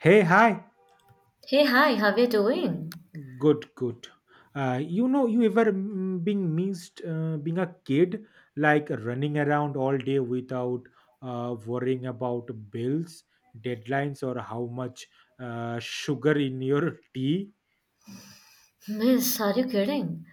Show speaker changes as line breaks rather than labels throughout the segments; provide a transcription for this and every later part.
Hey, hi.
Hey, hi, how are you doing?
Good, good. You ever being missed being a kid, like running around all day without worrying about bills, deadlines, or how much sugar in your tea?
Miss, are you kidding?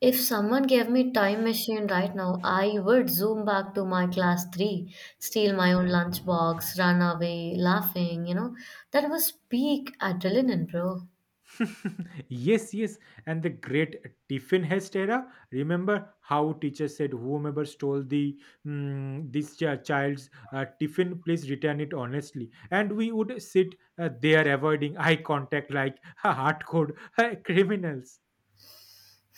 If someone gave me time machine right now, I would zoom back to my class 3, steal my own lunchbox, run away, laughing. That was peak adrenaline, bro.
Yes, yes. And the great Tiffin Hest era. Remember how teacher said, "Whomever stole the child's tiffin, please return it honestly." And we would sit there avoiding eye contact like hardcore criminals.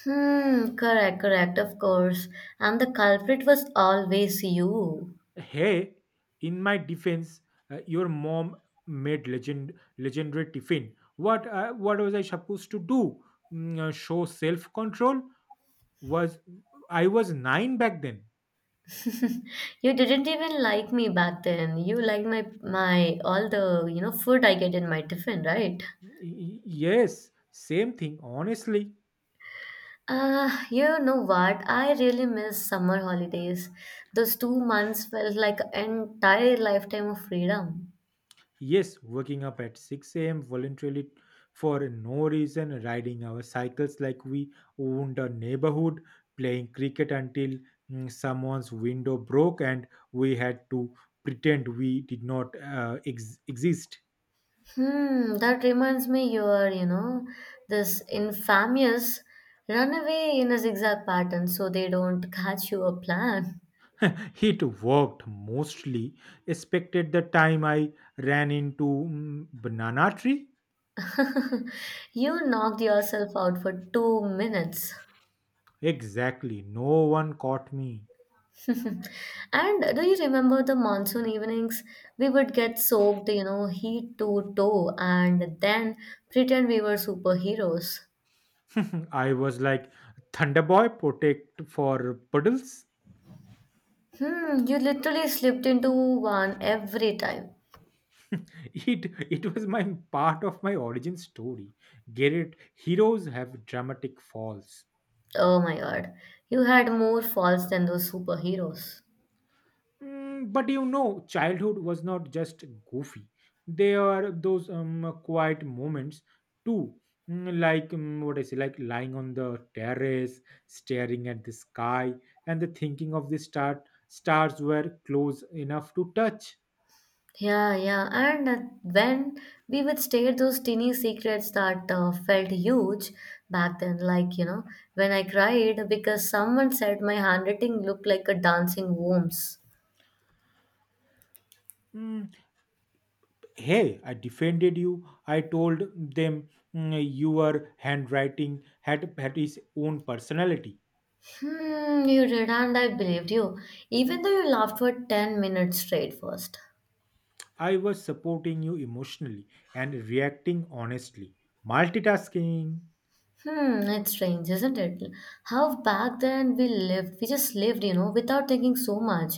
Hmm, correct, correct, of course. And the culprit was always you.
Hey, in my defense, your mom made legendary tiffin. What was I supposed to do? Show self control? Was I was nine back then?
You didn't even like me back then. You liked my all the food I get in my tiffin, right?
Yes, same thing. Honestly,
You know what? I really miss summer holidays. Those 2 months felt like an entire lifetime of freedom.
yes, waking up at 6 a.m. voluntarily for no reason, riding our cycles like we owned a neighborhood, playing cricket until someone's window broke and we had to pretend we did not exist.
Hmm, that reminds me you are this infamous runaway in a zigzag pattern so they don't catch you a plan.
It worked mostly, expected the time I ran into banana tree.
You knocked yourself out for 2 minutes.
Exactly, no one caught me.
And do you remember the monsoon evenings? We would get soaked, head to toe and then pretend we were superheroes.
I was like, Thunderboy, protect for puddles.
Hmm, you literally slipped into one every time.
It it was my part of my origin story. Get it? Heroes have dramatic falls.
Oh my god. You had more faults than those superheroes.
But you know, childhood was not just goofy. There are those quiet moments too. Like, like lying on the terrace, staring at the sky, and the thinking of the stars were close enough to touch.
Yeah, yeah. And when we would stare those teeny secrets that felt huge back then, like, when I cried because someone said my handwriting looked like a dancing worms.
Mm, Hey, I defended you. I told them, your handwriting had its own personality."
Hmm, you did, and I believed you, even though you laughed for 10 minutes straight first.
I was supporting you emotionally and reacting honestly. Multitasking,
Hmm, it's strange, isn't it? How back then we just lived, without thinking so much.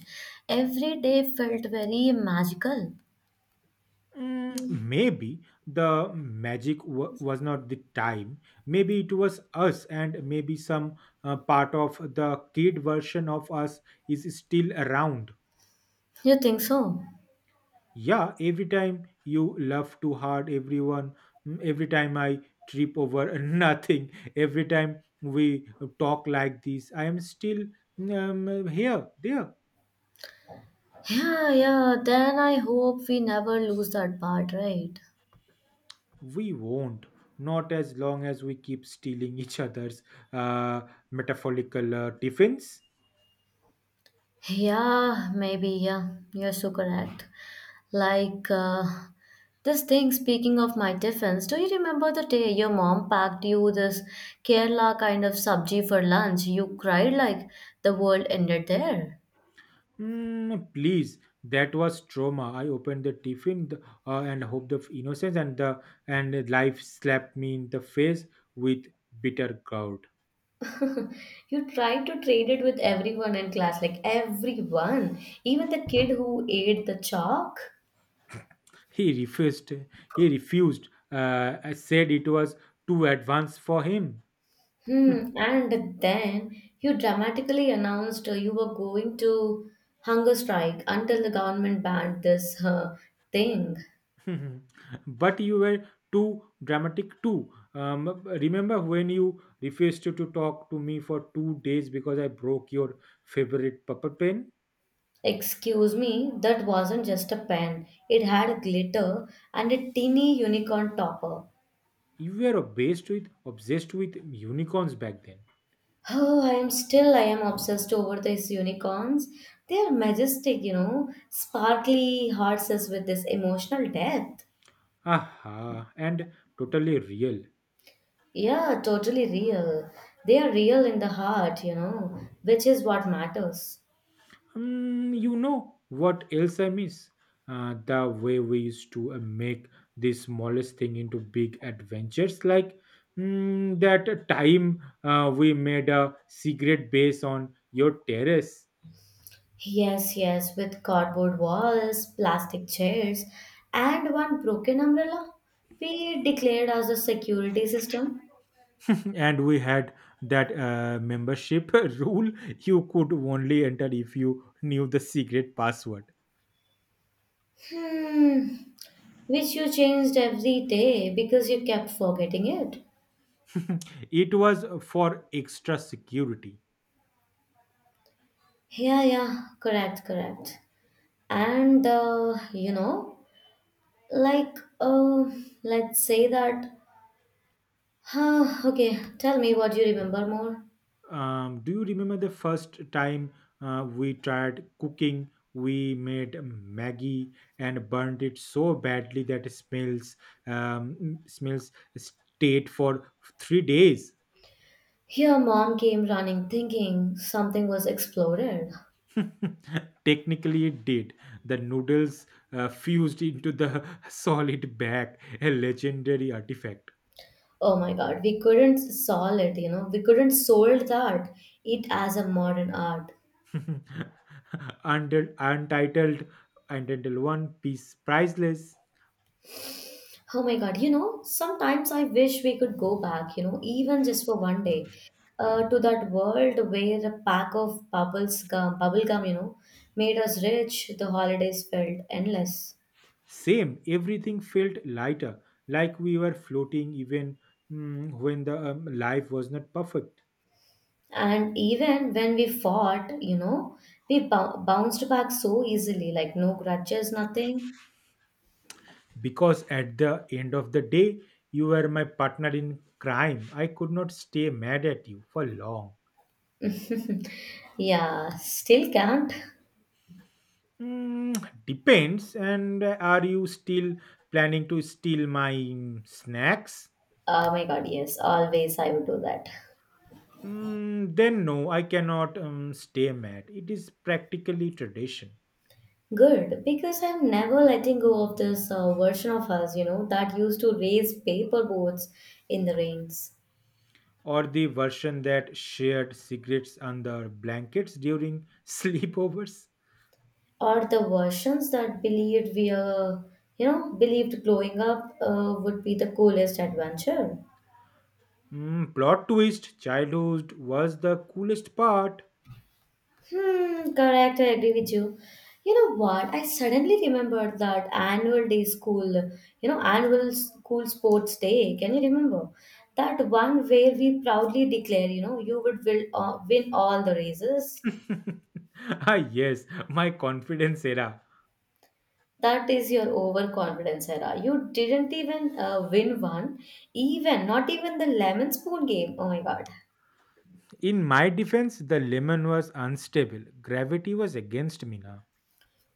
Every day felt very magical.
maybe the was not the time. Maybe it was us, and maybe some part of the kid version of us is still around.
You think so?
Yeah, every time you laugh too hard, everyone, every time I trip over nothing, every time we talk like this, I am still, here, there.
Yeah, yeah, then I hope we never lose that part, right?
We won't. Not as long as we keep stealing each other's uh, metaphorical tiffins.
Yeah, maybe, yeah, you're so correct. Like, this thing, speaking of my defense, do you remember the day your mom packed you this Kerala kind of sabji for lunch? You cried like the world ended there.
Please, that was trauma. I opened the tiffin and hoped of innocence, and life slapped me in the face with bitter gourd.
You tried to trade it with everyone in class, like everyone, even the kid who ate the chalk.
He refused. He refused. Said it was too advanced for him.
Hmm, and then you dramatically announced you were going to hunger strike until the government banned this thing.
But you were too dramatic too. Remember when you refused to talk to me for 2 days because I broke your favorite puppet pen?
Excuse me, that wasn't just a pen. It had glitter and a teeny unicorn topper.
You were obsessed with unicorns back then.
Oh, I am obsessed over these unicorns. They are majestic, sparkly horses with this emotional depth.
Aha, and totally real.
Yeah, totally real. They are real in the heart, which is what matters.
You know what else I miss? The way we used to make the smallest thing into big adventures, like that time we made a secret base on your terrace,
Yes, yes, with cardboard walls, plastic chairs, and one broken umbrella, we declared as a security system.
and we had that membership rule: you could only enter if you knew the secret password.
Hmm, which you changed every day because you kept forgetting it.
It was for extra security.
Yeah, yeah, correct, correct. And like, let's say that. Huh, okay, tell me what you remember more.
Do you remember the first time we tried cooking? We made Maggie and burned it so badly that it smells smells stayed for 3 days.
Here, mom came running, thinking something was exploded.
Technically, it did. The noodles fused into the solid bag, a legendary artifact.
Oh my God, we couldn't solve it. You know, we couldn't solve that. It as a modern art.
Under, untitled, untitled one piece, priceless.
Oh my God, sometimes I wish we could go back, even just for one day, to that world where a pack of bubble gum, made us rich, the holidays felt endless.
Same, everything felt lighter, like we were floating even when the life was not perfect.
And even when we fought, we bounced back so easily, like no grudges, nothing.
Because at the end of the day, you were my partner in crime. I could not stay mad at you for long.
Yeah, still can't.
Depends. And are you still planning to steal my snacks?
Oh my God, yes, always I would do that.
Then no, I cannot stay mad. It is practically tradition.
Good, because I'm never letting go of this version of us that used to raise paper boats in the rains.
Or the version that shared secrets under blankets during sleepovers.
Or the versions that believed we are, you know, believed growing up would be the coolest adventure.
Plot twist, childhood was the coolest part.
Hmm, correct, I agree with you. You know what? I suddenly remembered that annual school sports day. Can you remember? That one where we proudly declare, you win all the races.
Ah, yes, my confidence era.
That is your overconfidence era. You didn't even win one, even not even the lemon spoon game. Oh my god.
In my defense, the lemon was unstable. Gravity was against me now.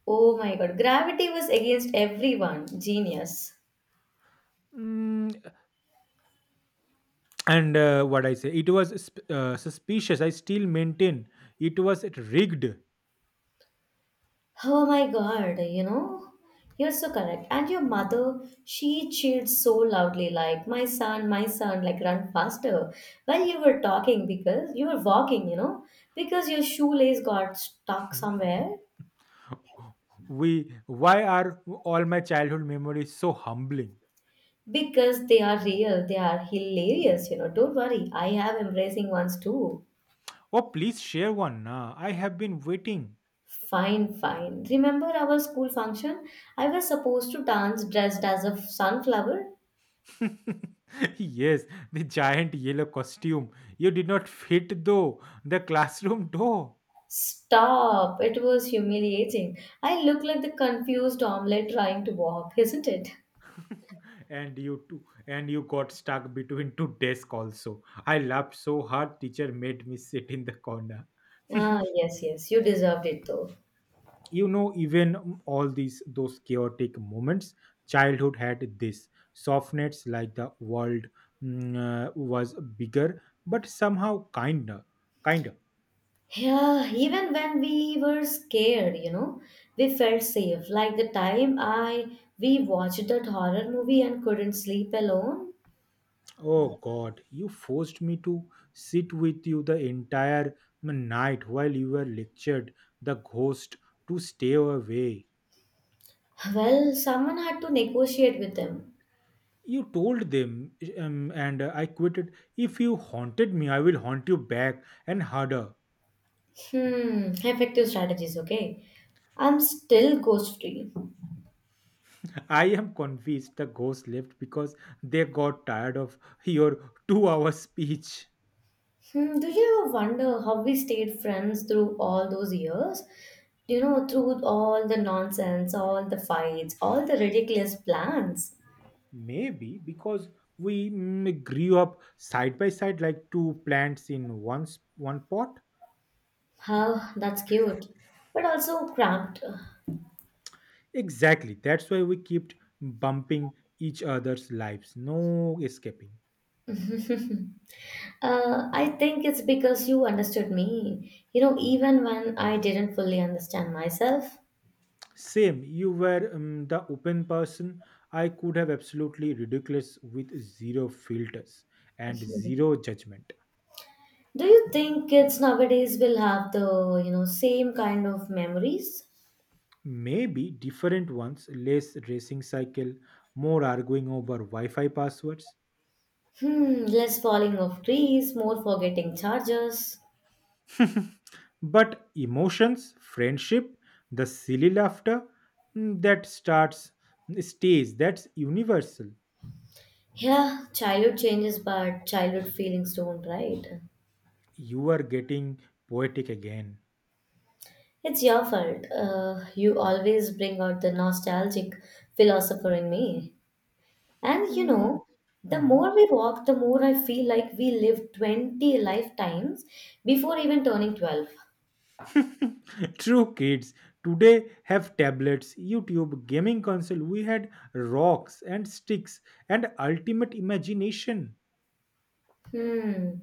Oh my god. Gravity was against everyone. Genius.
Mm, and what I say, it was suspicious. I still maintain it was rigged.
Oh my god, you know? You're so correct. And your mother, she cheered so loudly, like, my son, like, run faster. While you were walking, because your shoelace got stuck somewhere.
Why are all my childhood memories so humbling?
Because they are real, they are hilarious. Don't worry, I have embracing ones too.
Oh, please share one. I have been waiting.
Fine, fine. Remember our school function? I was supposed to dance dressed as a sunflower.
Yes, the giant yellow costume. You did not fit though the classroom door.
Stop, it was humiliating. I looked like the confused omelette trying to walk, isn't it?
And you too, and you got stuck between two desks also. I laughed so hard teacher made me sit in the corner.
Ah, yes, yes, you deserved it though.
You know, even all these those chaotic moments, childhood had this softness, like the world was bigger, but somehow kinder. Kinder.
Yeah, even when we were scared, we felt safe. Like the time I we watched that horror movie and couldn't sleep alone.
Oh God, you forced me to sit with you the entire night while you were lectured the ghost to stay away.
Well, someone had to negotiate with them.
You told them, and I quitted. If you haunted me, I will haunt you back and harder.
Hmm, effective strategies, okay. I'm still ghost free.
I am convinced the ghost left because they got tired of your 2 hour speech.
Hmm, do you ever wonder how we stayed friends through all those years? You know, through all the nonsense, all the fights, all the ridiculous plans.
Maybe because we grew up side by side like two plants in one pot.
Huh, that's cute, but also cramped.
Exactly. That's why we kept bumping each other's lives. No escaping.
I think it's because you understood me, even when I didn't fully understand myself.
Same. You were, the open person. I could have absolutely ridiculous with zero filters and zero judgment.
Do you think kids nowadays will have the same kind of memories?
Maybe different ones, less racing cycle, more arguing over Wi Fi passwords.
Hmm, less falling of trees, more forgetting charges.
But emotions, friendship, the silly laughter mm, that starts, stays, that's universal.
Yeah, childhood changes, but childhood feelings don't, right?
You are getting poetic again.
It's your fault. You always bring out the nostalgic philosopher in me. And
Mm,
the
mhm.
more we walk, the more I feel like we lived 20 lifetimes before even turning 12.
True, kids today have tablets, YouTube, gaming console. We had rocks and sticks and ultimate imagination.
Hmm.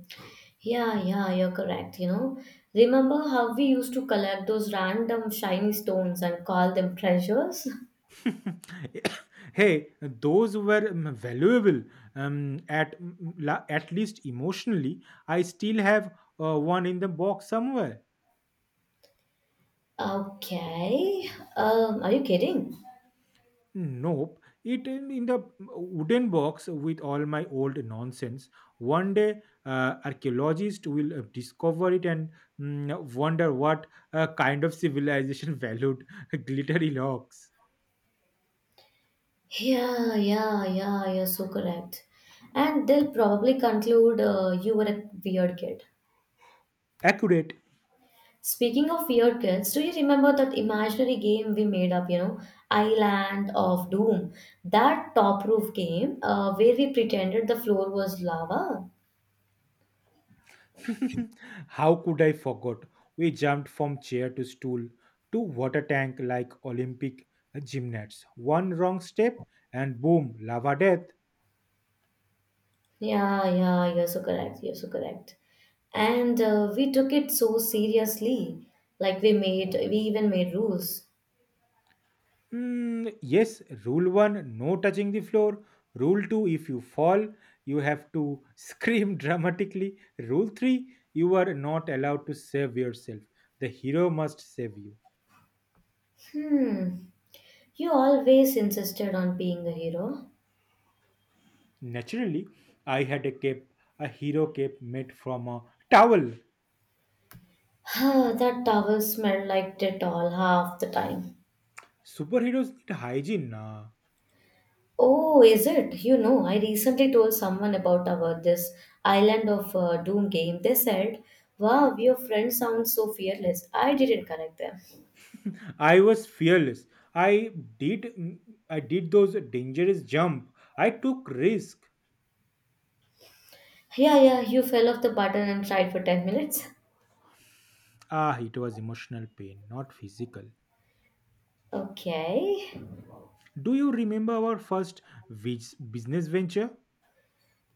Yeah, yeah, you're correct. You know, remember how we used to collect those random shiny stones and call them treasures?
Hey, those were, valuable, at least emotionally. I still have one in the box somewhere.
Okay. Are you kidding?
Nope. It in the wooden box with all my old nonsense. One day, archaeologists will discover it and wonder what kind of civilization valued glittery locks.
Yeah, yeah, yeah, you're so correct. And they'll probably conclude you were a weird kid.
Accurate.
Speaking of weird kids, do you remember that imaginary game we made up, Island of Doom? That top roof game where we pretended the floor was lava?
How could I forget? We jumped from chair to stool to water tank like Olympic gymnasts. One wrong step and boom, lava death.
Yeah, yeah, you're so correct. You're so correct. And we took it so seriously. Like we even made rules.
Yes, rule one, no touching the floor. Rule two, if you fall, you have to scream dramatically. Rule three, you are not allowed to save yourself. The hero must save you.
Hmm. You always insisted on being a hero.
Naturally, I had a cape, a hero cape made from a towel.
Ah, that towel smelled like Dettol half the time.
Superheroes need hygiene. Nah.
Oh, is it? You know, I recently told someone about our this Island of Doom game. They said, "Wow, your friend sounds so fearless." I didn't correct them.
I was fearless. I did mm, I did those dangerous jump. I took risk.
Yeah, yeah, you fell off the button and tried for 10 minutes.
Ah, it was emotional pain, not physical.
Okay.
Do you remember our first business venture?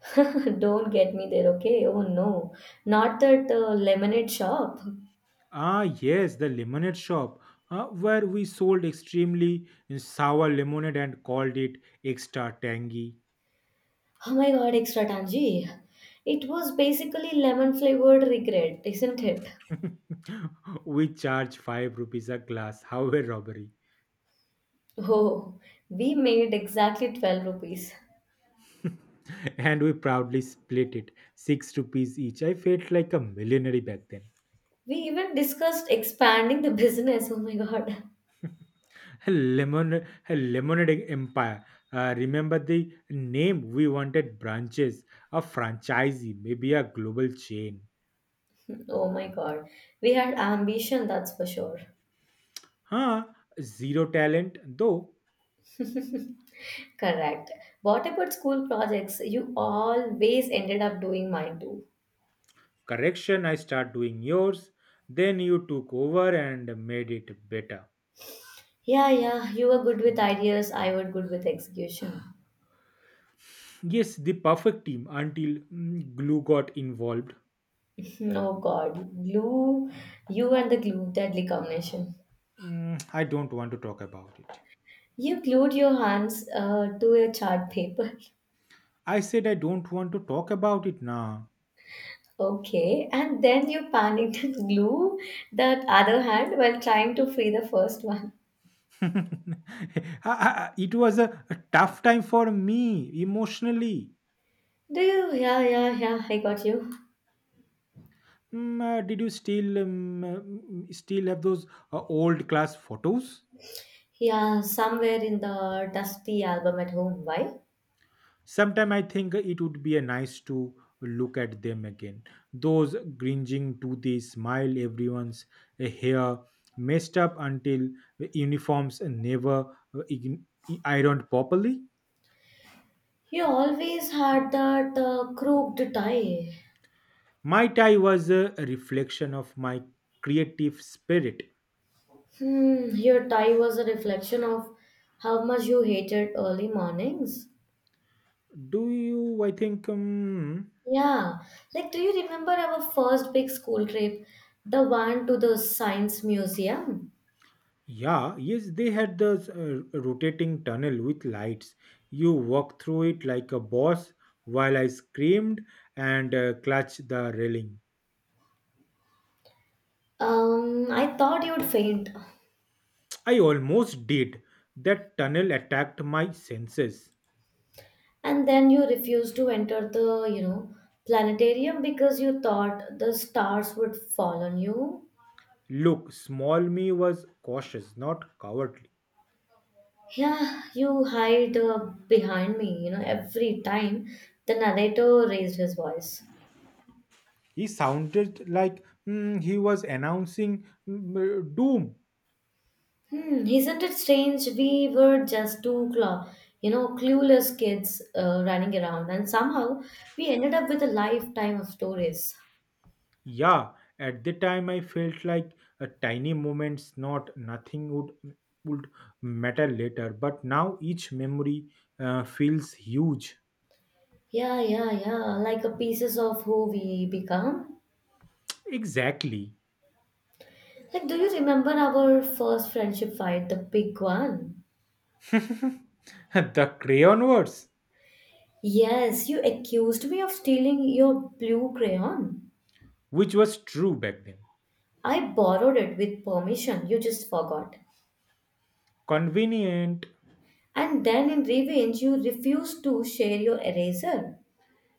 Don't get me there, okay? Oh no. Not that lemonade shop.
Ah, yes, the lemonade shop, where we sold extremely sour lemonade and called it extra tangy.
Oh my god, extra tangy. It was basically lemon flavored regret, isn't it?
We charged 5 rupees a glass, how a robbery.
Oh, we made exactly 12 rupees.
And we proudly split it, 6 rupees each. I felt like a millionaire back then.
We even discussed expanding the business. Oh my god.
A lemonade empire. Remember the name we wanted? Branches, a franchisee, maybe a global chain.
Oh my god. We had ambition, that's for sure.
Huh? Zero talent, though.
Correct. What about school projects? You always ended up doing mine too.
Correction, I start doing yours. Then you took over and made it better.
Yeah, yeah, you were good with ideas, I was good with execution.
Yes, the perfect team until glue got involved.
Oh God, glue, you and the glue, deadly combination.
I don't want to talk about it.
You glued your hands to a chart paper.
I said I don't want to talk about it now.
Okay, and then you panicked and glue that other hand while trying to free the first one.
It was a tough time for me emotionally.
Do you? Yeah, yeah, yeah, I got you.
Did you still still have those old class photos?
Yeah, somewhere in the dusty album at home. Why?
Sometime I think it would be a nice to look at them again. Those gringing to the smile, everyone's hair messed up until uniforms never uh, ign- ironed properly.
You always had that crooked tie.
My tie was a reflection of my creative spirit.
Hmm, your tie was a reflection of how much you hated early mornings.
Do you, I think,
Yeah, like do you remember our first big school trip, the one to the science museum?
Yeah, yes, they had the rotating tunnel with lights. You walked through it like a boss while I screamed and clutched the railing.
I thought you'd faint,
I almost did. That tunnel attacked my senses.
and then you refused to enter the planetarium because you thought the stars would fall on you.
Look, small me was cautious, not cowardly.
Yeah, you hide behind me, every time the narrator raised his voice.
He sounded like he was announcing doom.
Hmm, isn't it strange? We were just two clueless kids running around, and somehow we ended up with a lifetime of stories.
Yeah, at the time I felt like a tiny moments, nothing would matter later. But now each memory feels huge.
Yeah, yeah, yeah, like a pieces of who we become.
Exactly.
Like, do you remember our first friendship fight, the big one?
The crayon words,
Yes, you accused me of stealing your blue crayon.
which was true back then.
I borrowed it with permission, you just forgot.
Convenient.
And then in revenge, you refused to share your eraser.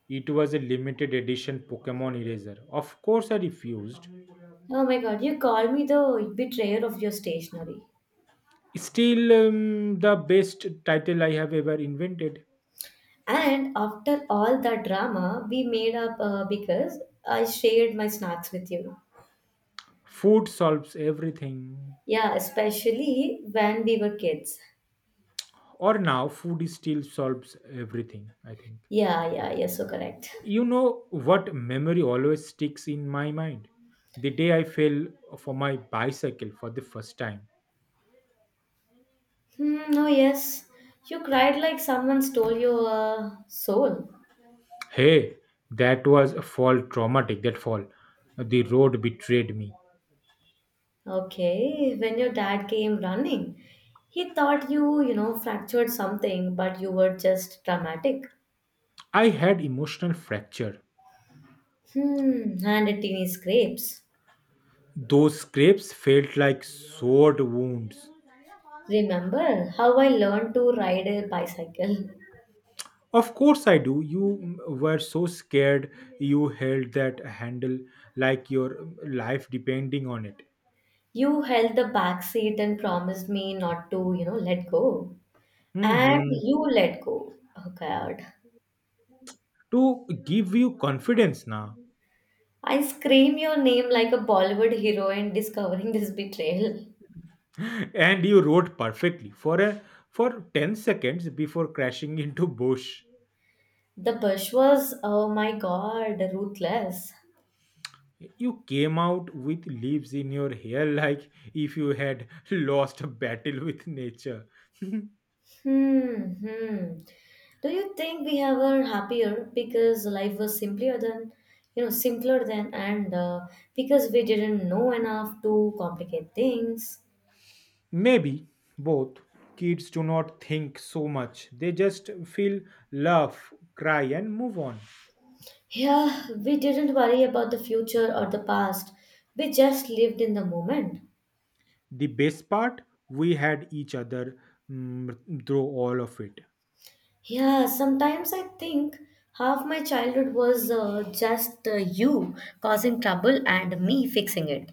It was a limited edition Pokemon eraser. Of course, I refused.
Oh my god, you call me the betrayer of your stationery.
Still, the best title I have ever invented.
And after all that drama, we made up because I shared my snacks with you.
Food solves everything.
Yeah, especially when we were kids.
Or now food still solves everything, I think.
Yeah, yeah, you're so correct.
You know what memory always sticks in my mind? The day I fell for my bicycle for the first time.
Hmm, oh, yes. You cried like someone stole your soul.
Hey, that was a fall traumatic, that fall. The road betrayed me.
Okay, when your dad came running, he thought you, fractured something, but you were just dramatic.
I had emotional fracture.
Hmm, and a teeny scrapes.
Those scrapes felt like sword wounds.
Remember how I learned to ride a bicycle?
Of course, I do. You were so scared you held that handle like your life depending on it.
You held the back seat and promised me not to, let go. And
Hmm.
you let go. Oh God.
To give you confidence now.
I scream your name like a Bollywood heroine discovering this betrayal.
And you wrote perfectly for a for 10 seconds before crashing into bush.
The push was, oh my God, ruthless.
You came out with leaves in your hair like if you had lost a battle with nature.
Hmm, hmm. Do you think we have were happier because life was simpler than, and because we didn't know enough to complicate things?
Maybe both. Kids do not think so much, they just feel, laugh, cry, and move on.
Yeah, we didn't worry about the future or the past. We just lived in the moment.
The best part, we had each other through all of it.
Yeah, sometimes I think half my childhood was just you causing trouble and me fixing it.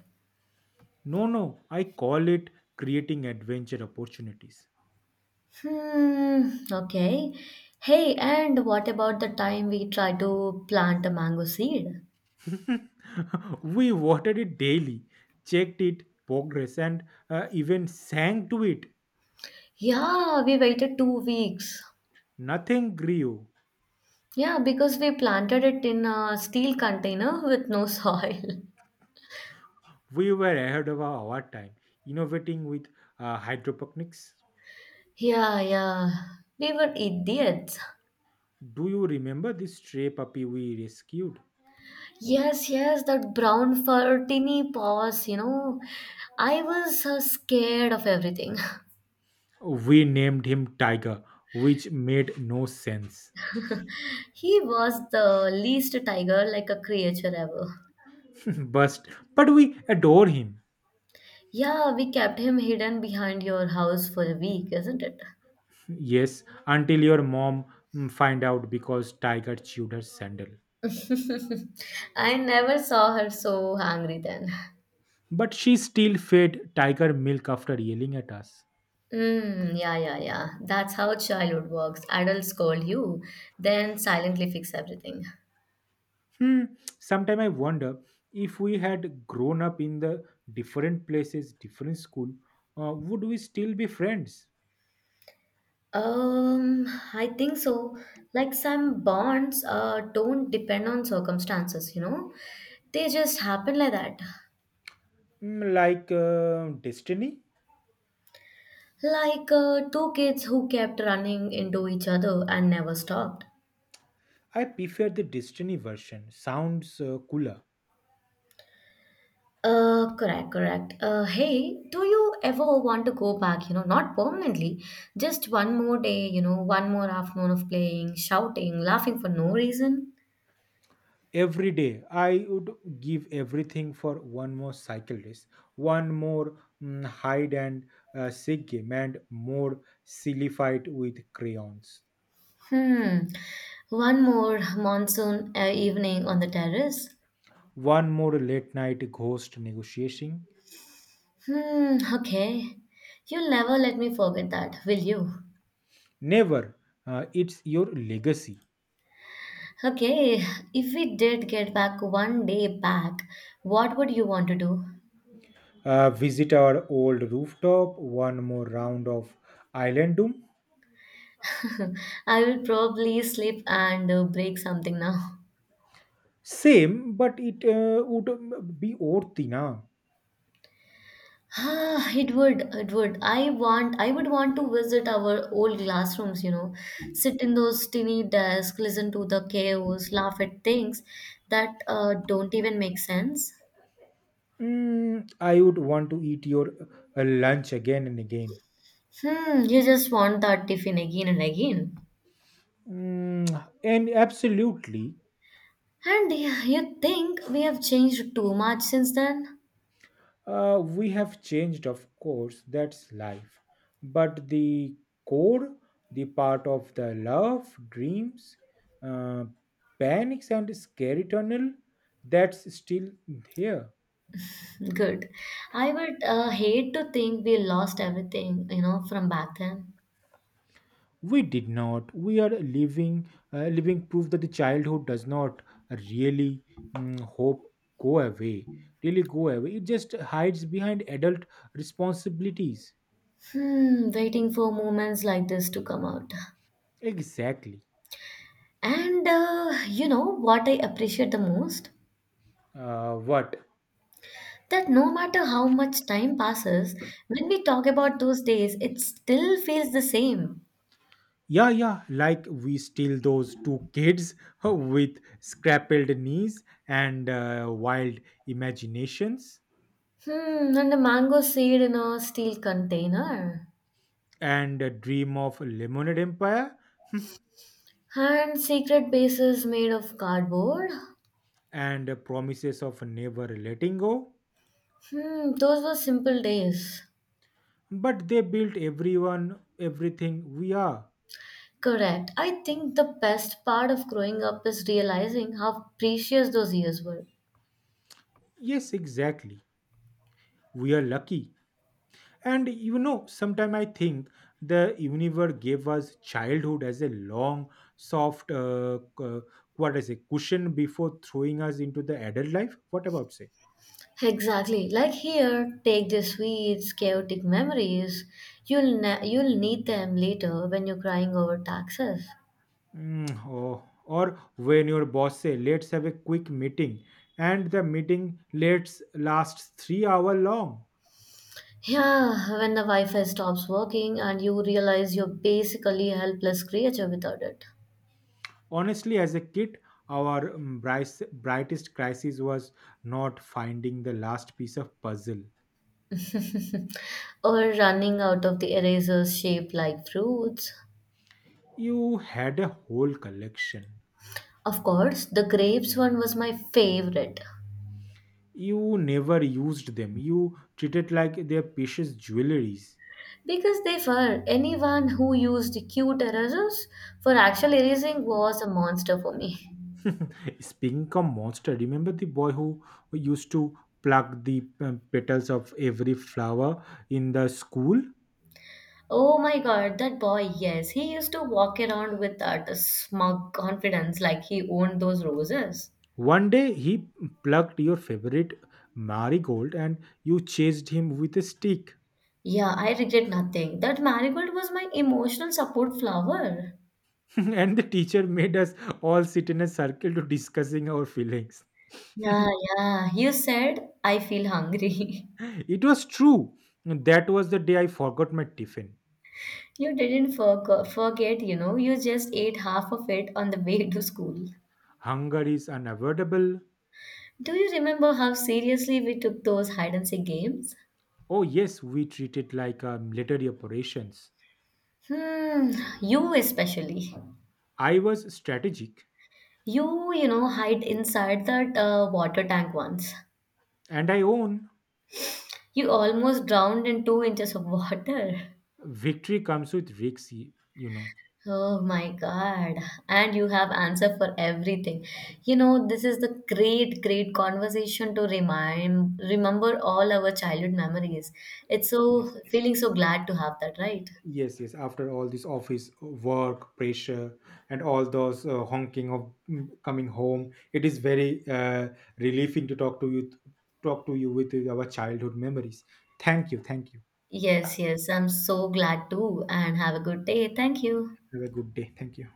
No, no, I call it creating adventure opportunities.
Hmm, okay. Hey, and what about the time we tried to plant a mango seed?
We watered it daily, checked it progress, and even sang to it.
Yeah, we waited 2 weeks.
Nothing grew.
Yeah, because we planted it in a steel container with no soil.
We were ahead of our time, innovating with hydroponics.
Yeah, yeah. We were idiots.
Do you remember this stray puppy we rescued?
Yes, yes, that brown fur, tiny paws. I was scared of everything.
We named him Tiger, which made no sense.
He was the least tiger like a creature ever.
but, but we adore him.
Yeah, we kept him hidden behind your house for a week, isn't it?
Yes, until your mom find out because Tiger chewed her sandal.
I never saw her so angry then.
But she still fed Tiger milk after yelling at us.
Mm, yeah, yeah, yeah. That's how childhood works. Adults scold you, then silently fix everything.
Hmm. Sometime I wonder if we had grown up in the different places, different school, would we still be friends?
Um, I think so. Like some bonds don't depend on circumstances, you know? They just happen like that.
Hmm, like Destiny?
Like two kids who kept running into each other and never stopped.
I prefer the Destiny version. Sounds cooler.
Correct, correct. Hey, do you ever want to go back? Not permanently, just one more day, one more afternoon of playing, shouting, laughing for no reason.
Every day, I would give everything for one more cycle race, one more hide and seek game, and more silly fight with crayons,
Hmm. One more monsoon evening on the terrace.
one more late night ghost negotiation.
Hmm, okay. You'll never let me forget that, will you?
Never. It's your legacy.
Okay, if we did get back one day back, what would you want to do?
Visit our old rooftop, one more round of island doom.
I will probably sleep and break something now.
Same, but it would be worthy na.
Ah, it would, it would. I would want to visit our old classrooms, sit in those tiny desks, listen to the chaos, laugh at things that don't even make sense.
I would want to eat your lunch again and again.
Hmm, you just want that tiffin again and again.
And absolutely.
And yeah, you think we have changed too much since then?
We have changed, of course, that's life. But the core, the part of the love, dreams, uh, panics, and scary tunnel, that's still here.
Good. I would hate to think we lost everything, from back then.
We did not. We are living, living proof that the childhood does not really mm, hope go away, really go away. It just hides behind adult responsibilities.
Hmm, waiting for moments like this to come out.
Exactly.
And you know what I appreciate the most?
What?
That no matter how much time passes, when we talk about those days, it still feels the same.
Yeah, yeah, like we steal those two kids with scrappled knees and wild imaginations
Hmm, and a mango seed in a steel container.
and a dream of lemonade empire
And secret bases made of cardboard.
and promises of never letting go.
Hmm, those were simple days.
But they built everyone, everything we are.
Correct. I think the best part of growing up is realizing how precious those years were.
Yes, exactly. We are lucky. And you know, sometimes I think the universe gave us childhood as a long, soft, cushion before throwing us into the adult life. What about say?
Exactly. Like here, take the sweets, chaotic memories. You'll need them later when you're crying over taxes.
Oh, or when your boss say, "Let's have a quick meeting," and the meeting let's lasts 3 hour long.
Yeah, when the Wi-Fi stops working and you realize you're basically a helpless creature without it.
Honestly, as a kid, our brightest crisis was not finding the last piece of puzzle.
Or running out of the erasers shaped like fruits.
You had a whole collection.
Of course, the grapes one was my favorite.
You never used them. You treated like their precious jewelries.
Because they were, anyone who used the cute erasers for actual erasing was a monster for me.
Speaking of monster, remember the boy who used to pluck the petals of every flower in the school?
Oh my God, that boy, yes. He used to walk around with that smug confidence like he owned those roses.
One day he plucked your favorite marigold and you chased him with a stick.
Yeah, I regret nothing. That marigold was my emotional support flower.
And the teacher made us all sit in a circle to discussing our feelings.
Yeah, yeah. You said, I feel hungry.
It was true. That was the day I forgot my tiffin.
You didn't forget, you just ate half of it on the way to school.
Hunger is unavoidable.
Do you remember how seriously we took those hide and seek games?
Oh, yes, we treat it like a military operations.
Hmm, you especially.
I was strategic,
You hide inside that water tank once.
and I own
You almost drowned in 2 inches of water.
victory comes with risks, you know.
Oh my God. And you have answer for everything. This is the great, great conversation to remember all our childhood memories. It's
Yes,
so feeling so glad to have that, right?
yes, yes. After all this office work pressure and all those honking of coming home, it is very relieving to talk to you, with our childhood memories. Thank you, thank you.
Yes, yes. I'm so glad too. And have a good day. Thank you.
Have a good day. Thank you.